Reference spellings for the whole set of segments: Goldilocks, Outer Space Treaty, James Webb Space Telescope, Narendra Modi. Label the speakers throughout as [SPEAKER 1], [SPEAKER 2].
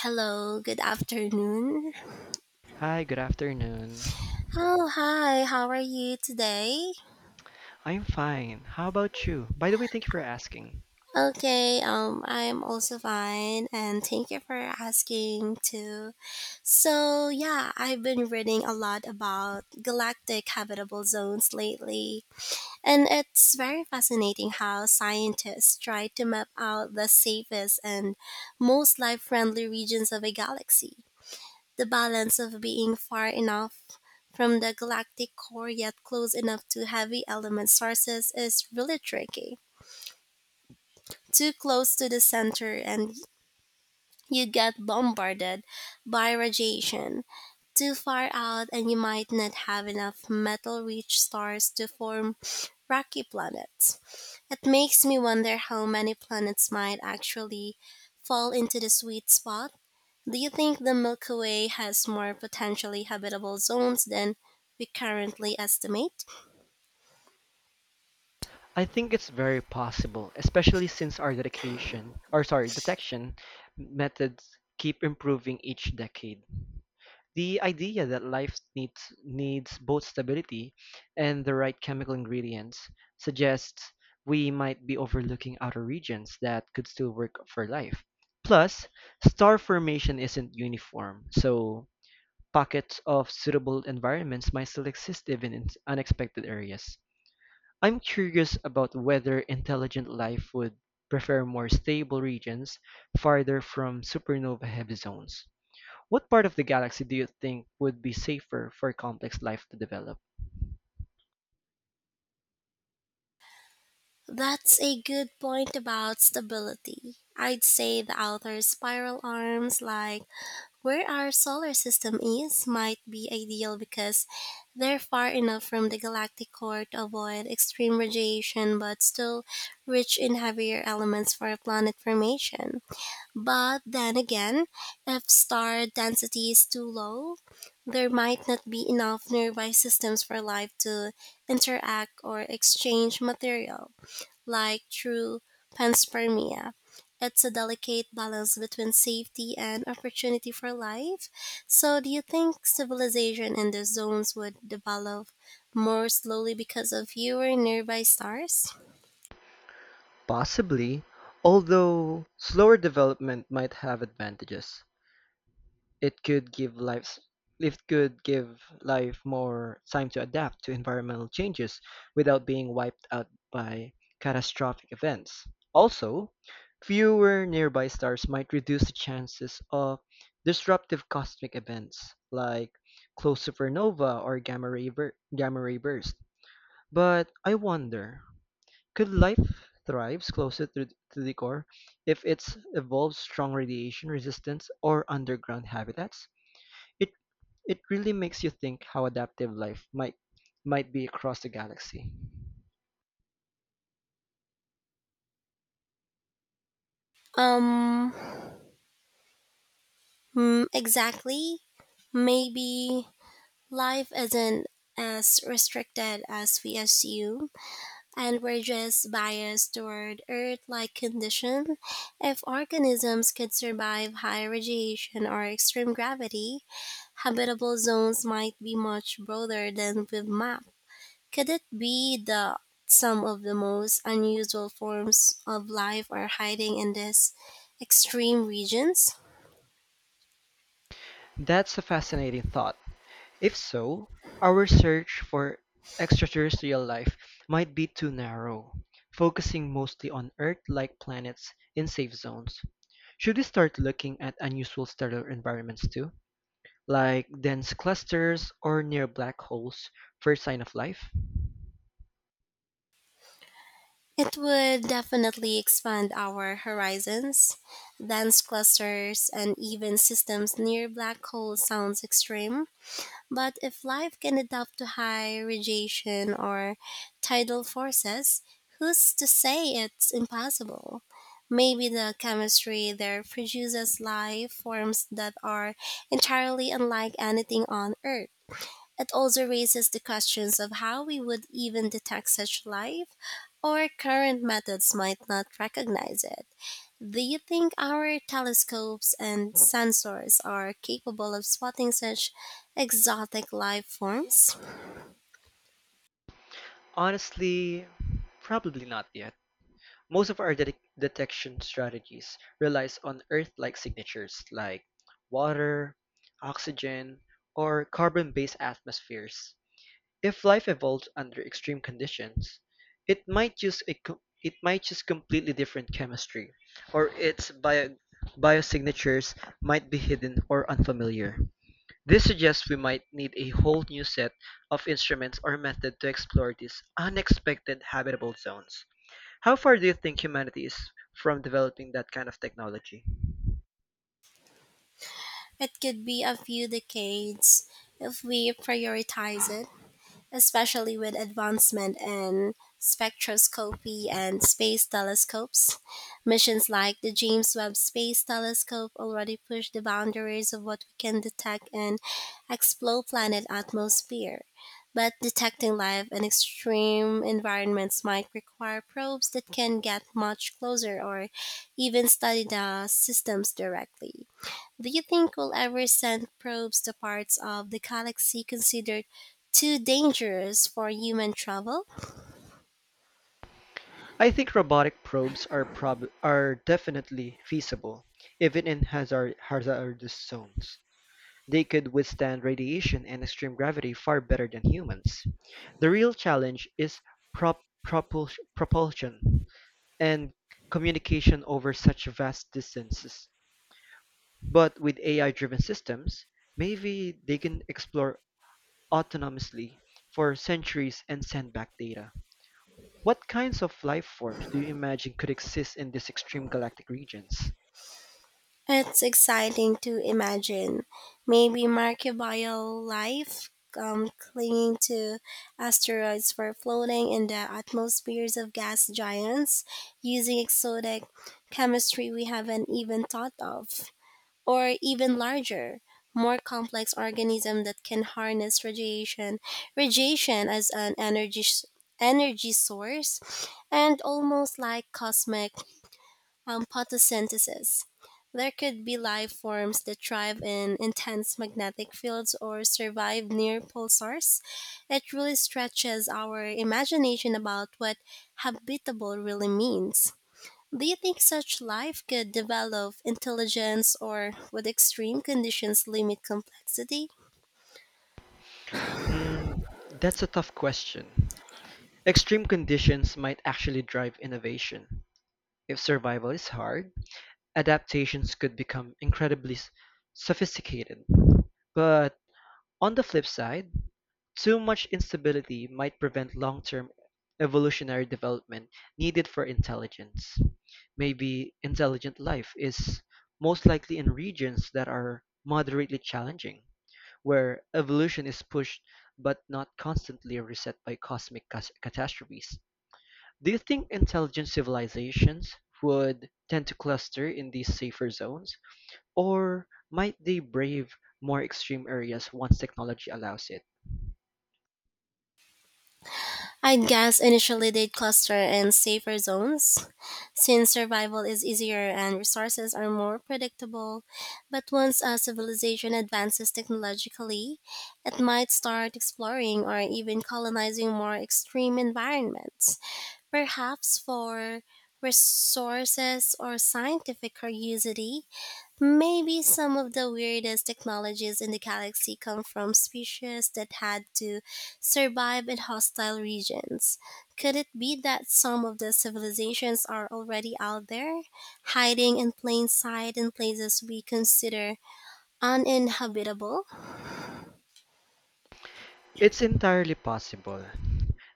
[SPEAKER 1] Hello, good afternoon.
[SPEAKER 2] Hi, good afternoon.
[SPEAKER 1] Oh, hi. How are you today?
[SPEAKER 2] I'm fine. How about you? By the way, thank you for asking.
[SPEAKER 1] Okay, I'm also fine, and thank you for asking too. I've been reading a lot about galactic habitable zones lately, and it's very fascinating how scientists try to map out the safest and most life-friendly regions of a galaxy. The balance of being far enough from the galactic core yet close enough to heavy element sources is really tricky. Too close to the center and you get bombarded by radiation, too far out, and you might not have enough metal rich stars to form rocky planets. It makes me wonder how many planets might actually fall into the sweet spot. Do you think the Milky Way has more potentially habitable zones than we currently estimate?
[SPEAKER 2] I think it's very possible, especially since our detection methods keep improving each decade. The idea that life needs both stability and the right chemical ingredients suggests we might be overlooking outer regions that could still work for life. Plus, star formation isn't uniform, so pockets of suitable environments might still exist even in unexpected areas. I'm curious about whether intelligent life would prefer more stable regions farther from supernova heavy zones. What part of the galaxy do you think would be safer for complex life to develop?
[SPEAKER 1] That's a good point about stability. I'd say the outer spiral arms, like where our solar system is, might be ideal because they're far enough from the galactic core to avoid extreme radiation but still rich in heavier elements for planet formation. But then again, if star density is too low, there might not be enough nearby systems for life to interact or exchange material like through panspermia. It's a delicate balance between safety and opportunity for life. So, do you think civilization in the zones would develop more slowly because of fewer nearby stars?
[SPEAKER 2] Possibly, although slower development might have advantages. It could give lives it could give life more time to adapt to environmental changes without being wiped out by catastrophic events. Also, fewer nearby stars might reduce the chances of disruptive cosmic events like close supernova or gamma ray burst. But I wonder, could life thrives to the core if it's evolved strong radiation resistance or underground habitats? It it really makes you think how adaptive life might be across the galaxy.
[SPEAKER 1] Um, exactly. Maybe life isn't as restricted as we assume, and we're just biased toward Earth-like condition. If organisms could survive high radiation or extreme gravity, habitable zones might be much broader than we've mapped. Could it be that some of the most unusual forms of life are hiding in these extreme regions?
[SPEAKER 2] That's a fascinating thought. If so, our search for extraterrestrial life might be too narrow, focusing mostly on Earth-like planets in safe zones. Should we start looking at unusual stellar environments too, like dense clusters or near black holes, first sign of life?
[SPEAKER 1] It would definitely expand our horizons. Dense clusters and even systems near black holes sounds extreme, but if life can adapt to high radiation or tidal forces, who's to say it's impossible? Maybe the chemistry there produces life forms that are entirely unlike anything on Earth. It also raises the questions of how we would even detect such life, or current methods might not recognize it. Do you think our telescopes and sensors are capable of spotting such exotic life forms?
[SPEAKER 2] Honestly, probably not yet. Most of our detection strategies relies on Earth-like signatures like water, oxygen, or carbon-based atmospheres. If life evolved under extreme conditions, it might use completely different chemistry, or its biosignatures might be hidden or unfamiliar. This suggests we might need a whole new set of instruments or method to explore these unexpected habitable zones. How far do you think humanity is from developing that kind of technology?
[SPEAKER 1] It could be a few decades if we prioritize it, especially with advancement in spectroscopy and space telescopes. Missions like the James Webb Space Telescope already push the boundaries of what we can detect and explore planet atmosphere. But detecting life in extreme environments might require probes that can get much closer or even study the systems directly. Do you think we'll ever send probes to parts of the galaxy considered too dangerous for human travel?
[SPEAKER 2] I think robotic probes are definitely feasible, even in hazardous zones. They could withstand radiation and extreme gravity far better than humans. The real challenge is propulsion and communication over such vast distances. But with AI driven systems, maybe they can explore autonomously for centuries and send back data. What kinds of life forms do you imagine could exist in these extreme galactic regions?
[SPEAKER 1] It's exciting to imagine. Maybe microbial life clinging to asteroids for floating in the atmospheres of gas giants using exotic chemistry we haven't even thought of, or even larger, more complex organism that can harness radiation as an energy source, and almost like cosmic photosynthesis. There could be life forms that thrive in intense magnetic fields or survive near pulsars. It really stretches our imagination about what habitable really means. Do you think such life could develop intelligence or would extreme conditions limit complexity?
[SPEAKER 2] Hmm, that's a tough question. Extreme conditions might actually drive innovation. If survival is hard, adaptations could become sophisticated. But on the flip side, too much instability might prevent long-term evolutionary development needed for intelligence. Maybe intelligent life is most likely in regions that are moderately challenging, where evolution is pushed but not constantly reset by catastrophes. Do you think intelligent civilizations would tend to cluster in these safer zones, or might they brave more extreme areas once technology allows it?
[SPEAKER 1] I'd guess initially they'd cluster in safer zones since survival is easier and resources are more predictable. But once a civilization advances technologically, it might start exploring or even colonizing more extreme environments, perhaps for resources or scientific curiosity. Maybe some of the weirdest technologies in the galaxy come from species that had to survive in hostile regions. Could it be that some of the civilizations are already out there, hiding in plain sight in places we consider uninhabitable?
[SPEAKER 2] It's entirely possible.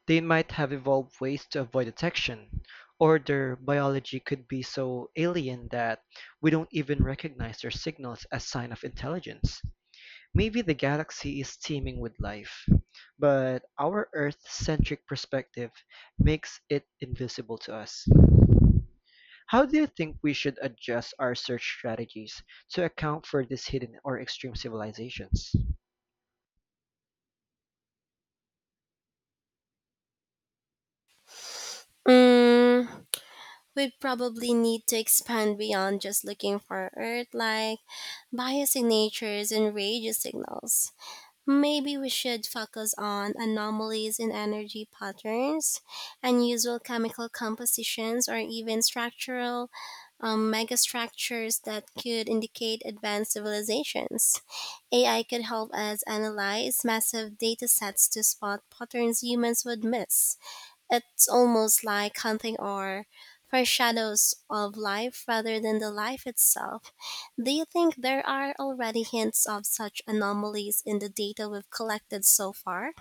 [SPEAKER 2] They might have evolved ways to avoid detection, or their biology could be so alien that we don't even recognize their signals as sign of intelligence. Maybe the galaxy is teeming with life, but our Earth-centric perspective makes it invisible to us. How do you think we should adjust our search strategies to account for these hidden or extreme civilizations?
[SPEAKER 1] Mm, we'd probably need to expand beyond just looking for Earth like biosignatures and radio signals. Maybe we should focus on anomalies in energy patterns, unusual chemical compositions, or even structural megastructures that could indicate advanced civilizations. AI could help us analyze massive data sets to spot patterns humans would miss. It's almost like hunting or foreshadows of life rather than the life itself. Do you think there are already hints of such anomalies in the data we've collected so far?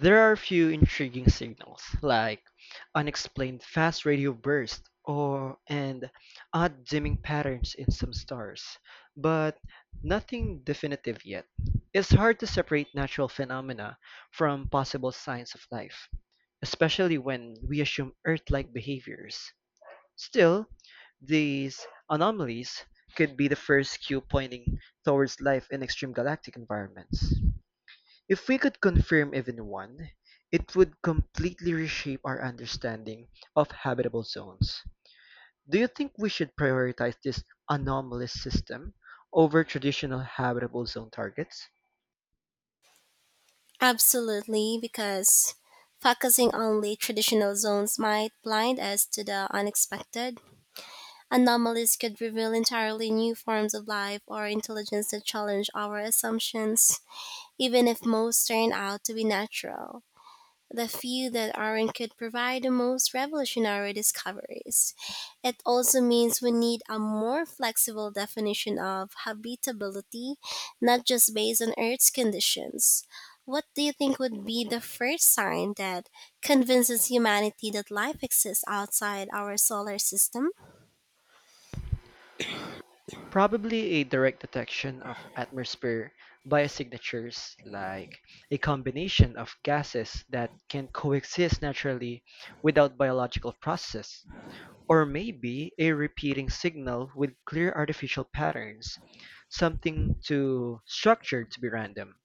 [SPEAKER 2] There are a few intriguing signals, like unexplained fast radio bursts or and odd dimming patterns in some stars, but nothing definitive yet. It's hard to separate natural phenomena from possible signs of life, especially when we assume Earth-like behaviors. Still, these anomalies could be the first cue pointing towards life in extreme galactic environments. If we could confirm even one, it would completely reshape our understanding of habitable zones. Do you think we should prioritize this anomalous system over traditional habitable zone targets?
[SPEAKER 1] Absolutely, because focusing only traditional zones might blind us to the unexpected. Anomalies could reveal entirely new forms of life or intelligence that challenge our assumptions. Even if most turn out to be natural, the few that aren't could provide the most revolutionary discoveries. It also means we need a more flexible definition of habitability, not just based on Earth's conditions. What do you think would be the first sign that convinces humanity that life exists outside our solar system?
[SPEAKER 2] Probably a direct detection of atmosphere biosignatures like a combination of gases that can coexist naturally without biological process, or maybe a repeating signal with clear artificial patterns, something too structured to be random.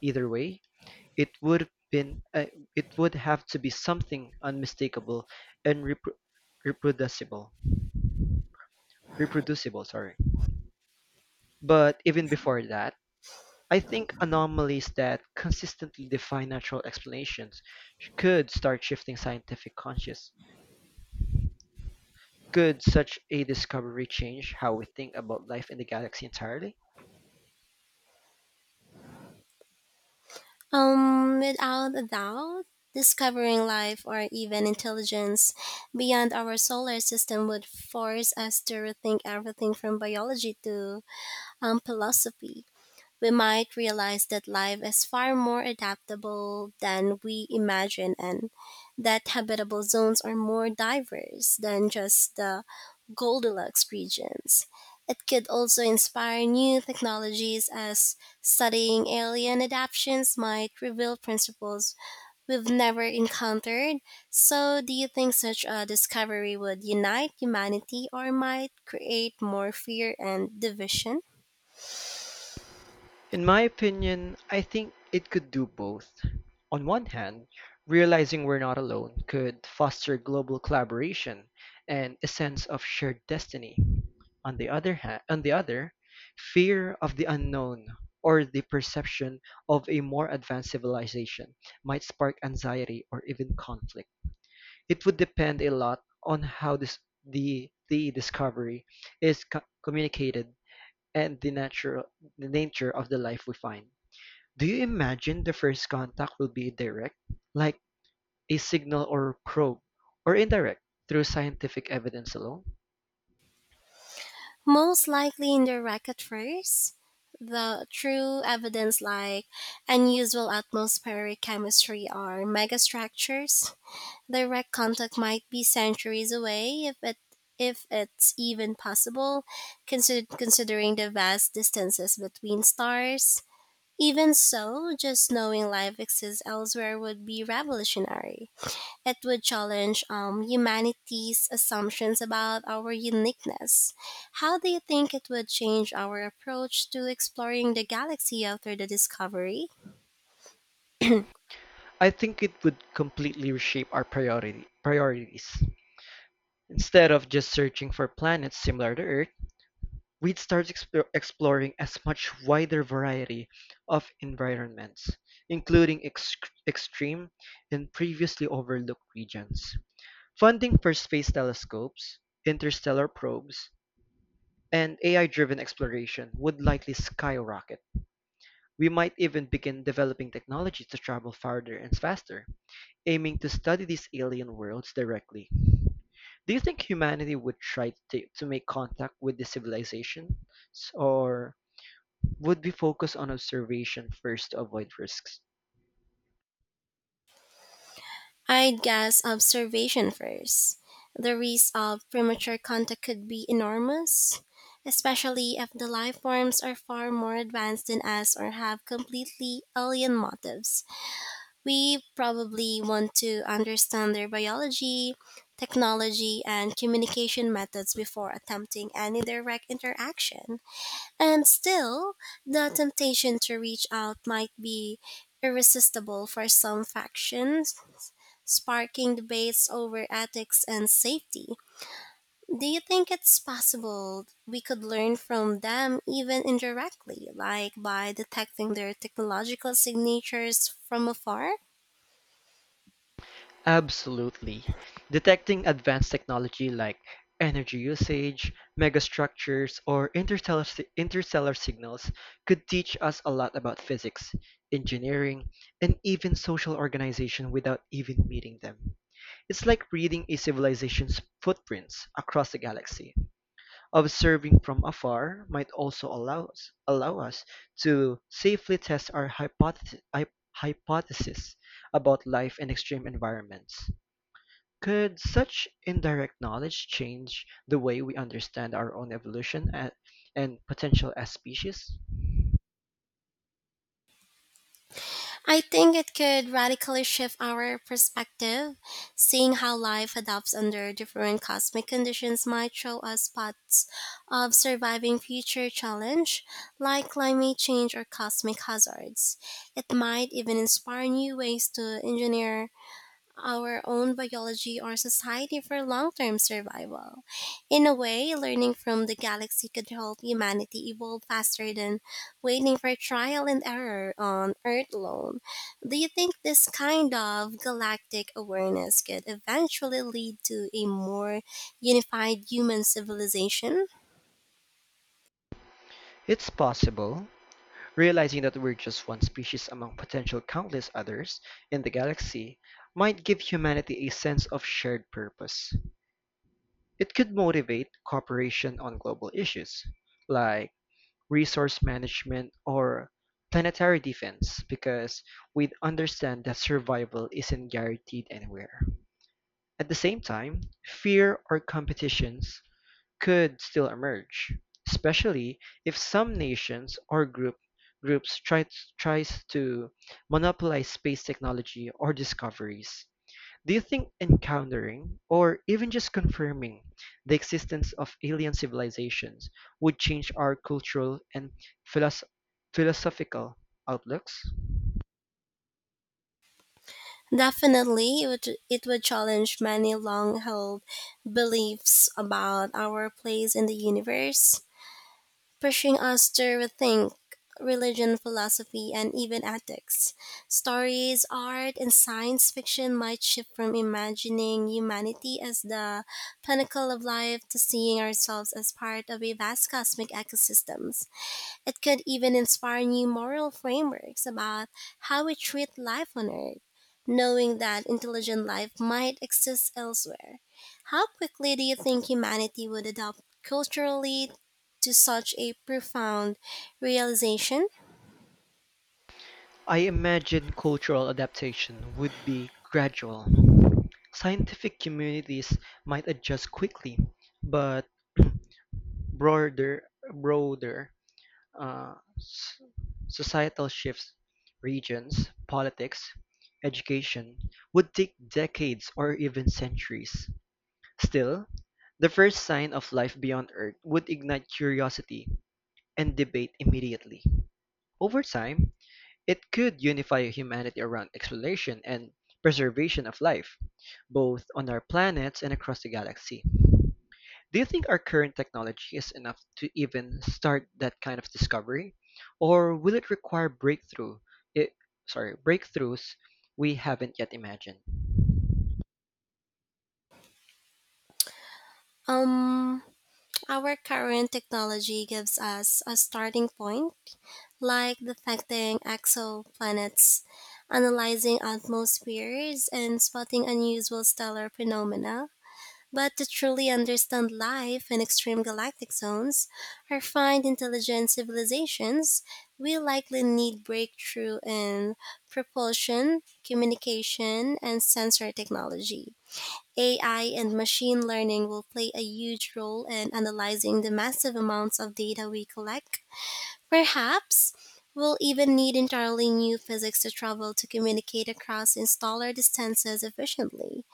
[SPEAKER 2] Either way, it would been uh, it would have to be something unmistakable and reproducible. Reproducible, sorry. But even before that, I think anomalies that consistently defy natural explanations could start shifting scientific conscious. Could such a discovery change how we think about life in the galaxy entirely?
[SPEAKER 1] Without a doubt, discovering life or even intelligence beyond our solar system would force us to rethink everything from biology to philosophy. We might realize that life is far more adaptable than we imagine, and that habitable zones are more diverse than just the Goldilocks regions. It could also inspire new technologies, as studying alien adaptations might reveal principles we've never encountered. So, do you think such a discovery would unite humanity or might create more fear and division?
[SPEAKER 2] In my opinion, I think it could do both. On one hand, realizing we're not alone could foster global collaboration and a sense of shared destiny. On the other hand, on the other, fear of the unknown or the perception of a more advanced civilization might spark anxiety or even conflict. It would depend a lot on how this the discovery communicated and the nature of the life we find. Do you imagine the first contact will be direct, like a signal or probe, or indirect, through scientific evidence alone?
[SPEAKER 1] Most likely in the racket first. The true evidence, like unusual atmospheric chemistry or megastructures. Direct contact might be centuries away if it's even possible, considering the vast distances between stars. Even so, just knowing life exists elsewhere would be revolutionary. It would challenge humanity's assumptions about our uniqueness. How do you think it would change our approach to exploring the galaxy after the discovery?
[SPEAKER 2] I think it would completely reshape our priorities. Instead of just searching for planets similar to Earth, exploring as much wider variety of environments, including extreme and previously overlooked regions. Funding for space telescopes, interstellar probes, and AI-driven exploration would likely skyrocket. We might even begin developing technologies to travel farther and faster, aiming to study these alien worlds directly. Do you think humanity would to make contact with the civilization, or would we focus on observation first to avoid risks?
[SPEAKER 1] I'd guess observation first. The risk of premature contact could be enormous, especially if the life forms are far more advanced than us or have completely alien motives. We probably want to understand their biology, technology, and communication methods before attempting any direct interaction. And still, the temptation to reach out might be irresistible for some factions, sparking debates over ethics and safety. Do you think it's possible we could learn from them even indirectly, like by detecting their technological signatures from afar?
[SPEAKER 2] Absolutely. Detecting advanced technology like energy usage, megastructures, or interstellar signals could teach us a lot about physics, engineering, and even social organization without even meeting them. It's like reading a civilization's footprints across the galaxy. Observing from afar might also allow us to safely test our hypothesis about life in extreme environments. Could such indirect knowledge change the way we understand our own and potential as species?
[SPEAKER 1] I think it could radically shift our perspective. Seeing how life adapts under different cosmic conditions might show us spots of surviving future challenge, like climate change or cosmic hazards. It might even inspire new ways to engineer our own biology or society for long term survival. In a way, learning from the galaxy could help humanity evolve faster than waiting for trial and error on Earth alone. Do you think this kind of galactic awareness could eventually lead to a more unified human civilization?
[SPEAKER 2] It's possible. Realizing that we're just one species among potential countless others in the galaxy might give humanity a sense of shared purpose. It could motivate cooperation on global issues like resource management or planetary defense because we'd understand that survival isn't guaranteed anywhere. At the same time, fear or competitions could still emerge, especially if some nations or groups tries to monopolize space technology or discoveries. Do you think encountering or even just confirming the existence of alien civilizations would change our cultural and philos- philosophical outlooks?
[SPEAKER 1] Definitely, it would challenge many long held beliefs about our place in the universe, pushing us to rethink religion, philosophy, and even ethics. Stories, art, and science fiction might shift from imagining humanity as the pinnacle of life to seeing ourselves as part of a vast cosmic ecosystem. It could even inspire new moral frameworks about how we treat life on Earth, knowing that intelligent life might exist elsewhere. How quickly do you think humanity would adopt culturally to such a profound realization?
[SPEAKER 2] I imagine cultural adaptation would be gradual. Scientific communities might adjust quickly, but broader, broader uh, s- societal shifts, regions, politics, education would take decades or even centuries. Still, the first sign of life beyond Earth would ignite curiosity and debate immediately. Over time, it could unify humanity around exploration and preservation of life, both on our planets and across the galaxy. Do you think our current technology is enough to even start that kind of discovery, or will it require breakthrough? It, breakthroughs we haven't yet imagined.
[SPEAKER 1] Um, our current technology gives us a starting point, like detecting exoplanets, analyzing atmospheres, and spotting unusual stellar phenomena. But to truly understand life in extreme galactic zones, refined intelligent civilizations will likely need breakthrough in propulsion, communication, and sensor technology. AI and machine learning will play a huge role in analyzing the massive amounts of data we collect. Perhaps we'll even need entirely new physics to travel to communicate across installer distances efficiently.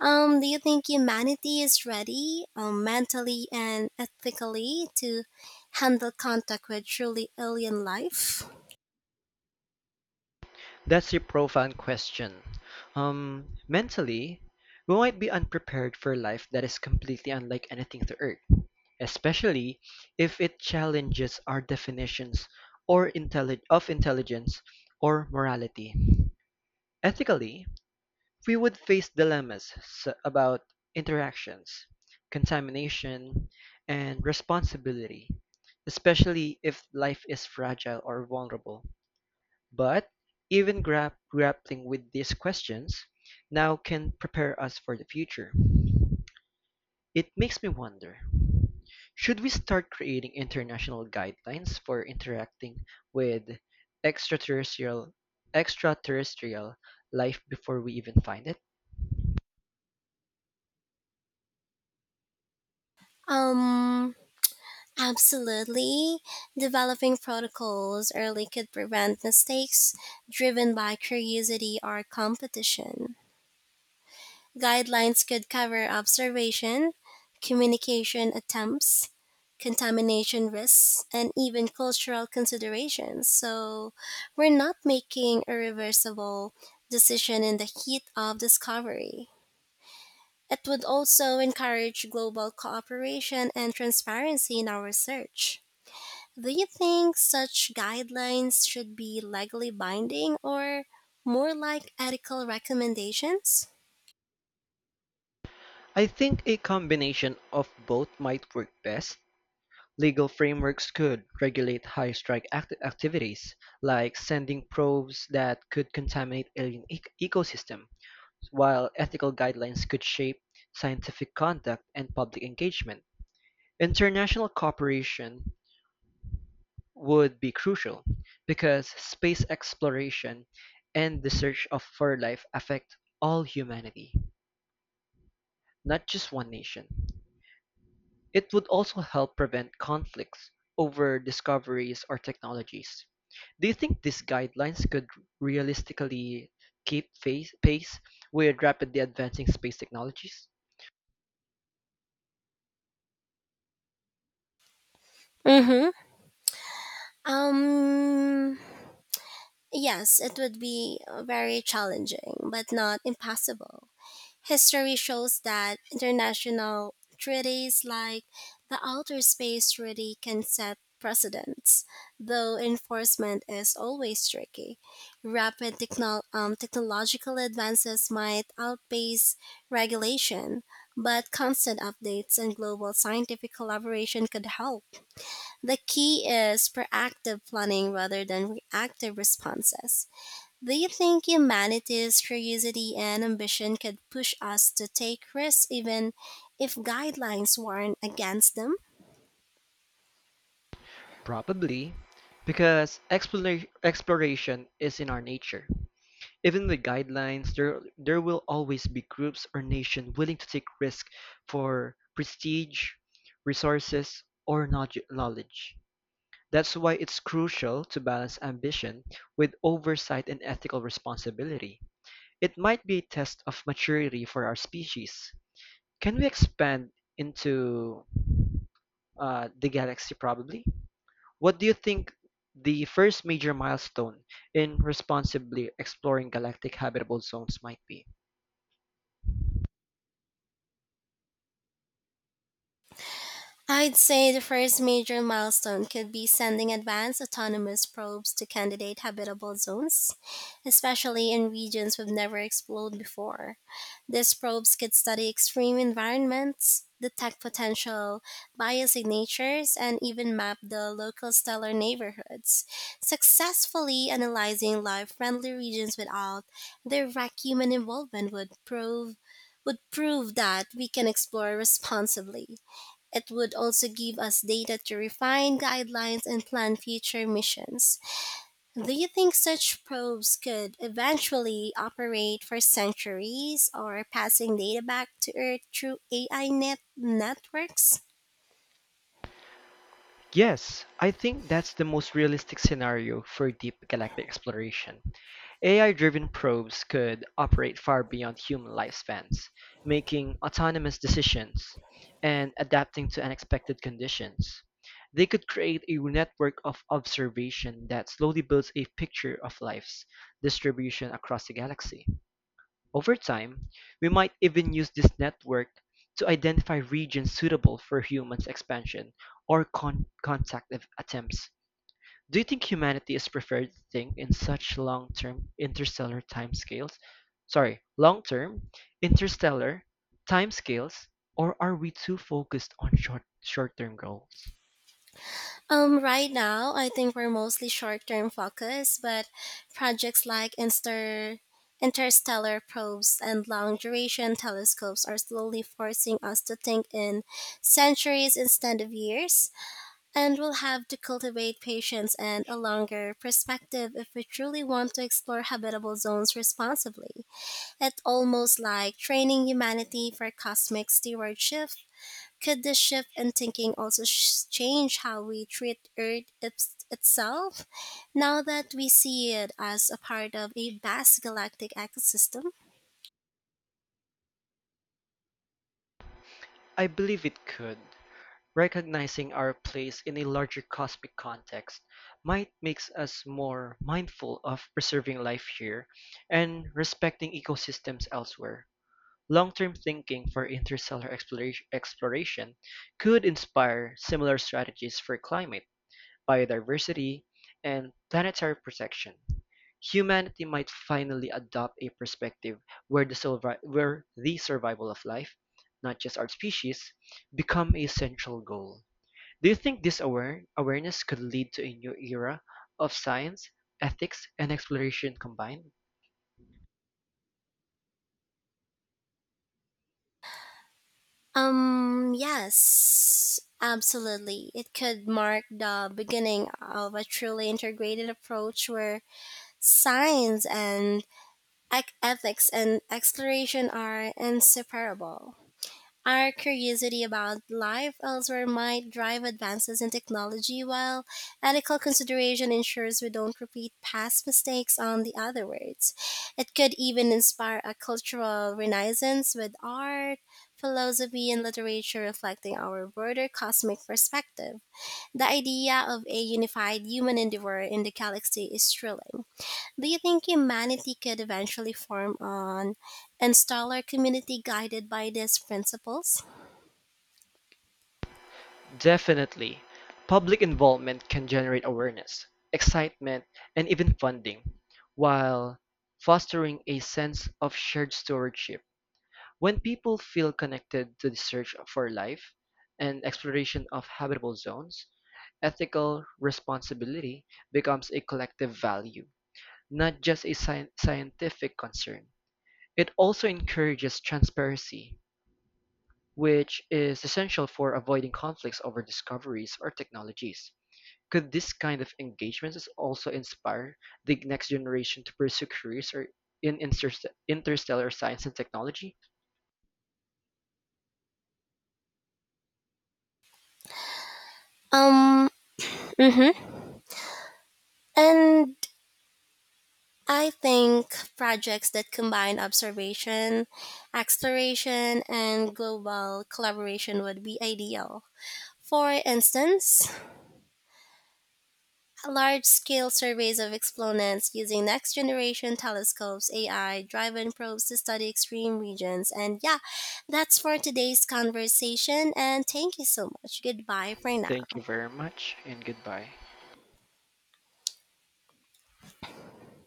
[SPEAKER 1] Do you think humanity is ready, mentally and ethically, to handle contact with truly alien life?
[SPEAKER 2] That's a profound question. Mentally, we might be unprepared for life that is completely unlike anything to Earth, especially if it challenges our definitions of intelligence or morality. Ethically, we would face dilemmas about interactions, contamination, and responsibility, especially if life is fragile or vulnerable. But even grappling with these questions now can prepare us for the future. It makes me wonder, should we start creating international guidelines for interacting with extraterrestrial extraterrestrial life before we even find it?
[SPEAKER 1] Um, Absolutely. Developing protocols early could prevent mistakes driven by curiosity or competition. Guidelines could cover observation, communication attempts, contamination risks, and even cultural considerations, so we're not making a reversible decision in the heat of discovery. It would also encourage global cooperation and transparency in our research. Do you think such guidelines should be legally binding or more like ethical recommendations?
[SPEAKER 2] I think a combination of both might work best. Legal frameworks could regulate high strike activities, like sending probes that could contaminate ecosystem, while ethical guidelines could shape scientific conduct and public engagement. International cooperation would be crucial, because space exploration and the for life affect all humanity, not just one nation. It would also help prevent conflicts over discoveries or technologies. Do you think these guidelines could realistically pace with rapidly advancing space technologies?
[SPEAKER 1] Mm hmm. Um, yes, it would be very challenging, but not impossible. History shows that international treaties like the Outer Space Treaty can set precedents, though enforcement is always tricky. Rapid technological advances might outpace regulation, but constant updates and global scientific collaboration could help. The key is proactive planning rather than reactive responses. Do you think humanity's curiosity and ambition could push us to take risks even if guidelines warn against them?
[SPEAKER 2] Probably, because exploration is in our nature. Even with guidelines, there will always be groups or nation willing to take risk for prestige, resources, or knowledge. That's why it's crucial to balance ambition with oversight and ethical responsibility. It might be a test of maturity for our species. Can we expand into the galaxy probably? What do you think the first major milestone in responsibly exploring galactic habitable zones might be?
[SPEAKER 1] I'd say the first major milestone could be sending advanced autonomous probes to candidate habitable zones, especially in regions we've never explored before. These probes could study extreme environments, detect potential bias signatures, and even map the local stellar neighborhoods. Successfully analyzing life-friendly regions without direct human involvement would prove that we can explore responsibly. It would also give us data to refine guidelines and plan future missions. Do you think such probes could eventually operate for centuries or passing data back to Earth through AI net networks?
[SPEAKER 2] Yes, I think that's the most realistic scenario for deep galactic exploration. AI-driven probes could operate far beyond human lifespans, making autonomous decisions and adapting to unexpected conditions. They could create a network of observation that slowly builds a picture of life's distribution across the galaxy. Over time, we might even use this network to identify regions suitable for humans' expansion or attempts. Do you think humanity is prepared to think in such long-term interstellar timescales? Sorry, long-term interstellar timescales, or are we too focused on short-term goals?
[SPEAKER 1] Right now, I think we're mostly short term focused, but projects like Inster. Interstellar probes and long duration telescopes are slowly forcing us to think in centuries instead of years. And we'll have to cultivate patience and a longer perspective if we truly want to explore habitable zones responsibly. It's almost like training humanity for cosmic stewardship. Could this shift in thinking also change how we treat Earth itself, now that we see it as a part of a vast galactic ecosystem?
[SPEAKER 2] I believe it could. Recognizing our place in a larger cosmic context might makes us more mindful of preserving life here and respecting ecosystems elsewhere. Long-term thinking for interstellar exploration could inspire similar strategies for climate, biodiversity, and planetary protection. Humanity might finally adopt a perspective where the survival of life, not just our species, become a central goal. Do you think this awareness could lead to a new era of science, ethics, and exploration combined?
[SPEAKER 1] Yes, absolutely. It could mark the beginning of a truly integrated approach where science and ethics and exploration are inseparable. Our curiosity about life elsewhere might drive advances in technology, while ethical consideration ensures we don't repeat past mistakes on the other words. It could even inspire a cultural renaissance with art, philosophy, and literature reflecting our broader cosmic perspective. The idea of a unified human endeavor in the galaxy is thrilling. Do you think humanity could eventually form an installer community guided by these principles?
[SPEAKER 2] Definitely. Public involvement can generate awareness, excitement, and even funding, while fostering a sense of shared stewardship. When people feel connected to the search for life and exploration of habitable zones, ethical responsibility becomes a collective value, not just a scientific concern. It also encourages transparency, which is essential for avoiding conflicts over discoveries or technologies. Could this kind of engagement also inspire the next generation to pursue careers or in interstellar science and technology?
[SPEAKER 1] Um, mhm. And I think projects that combine observation, exploration, and global collaboration would be ideal. For instance, large scale surveys of exponents using next generation telescopes, AI driven probes to study extreme regions. And yeah, that's for today's conversation. And thank you so much. Goodbye for
[SPEAKER 2] Thank you
[SPEAKER 1] now.
[SPEAKER 2] very much and goodbye.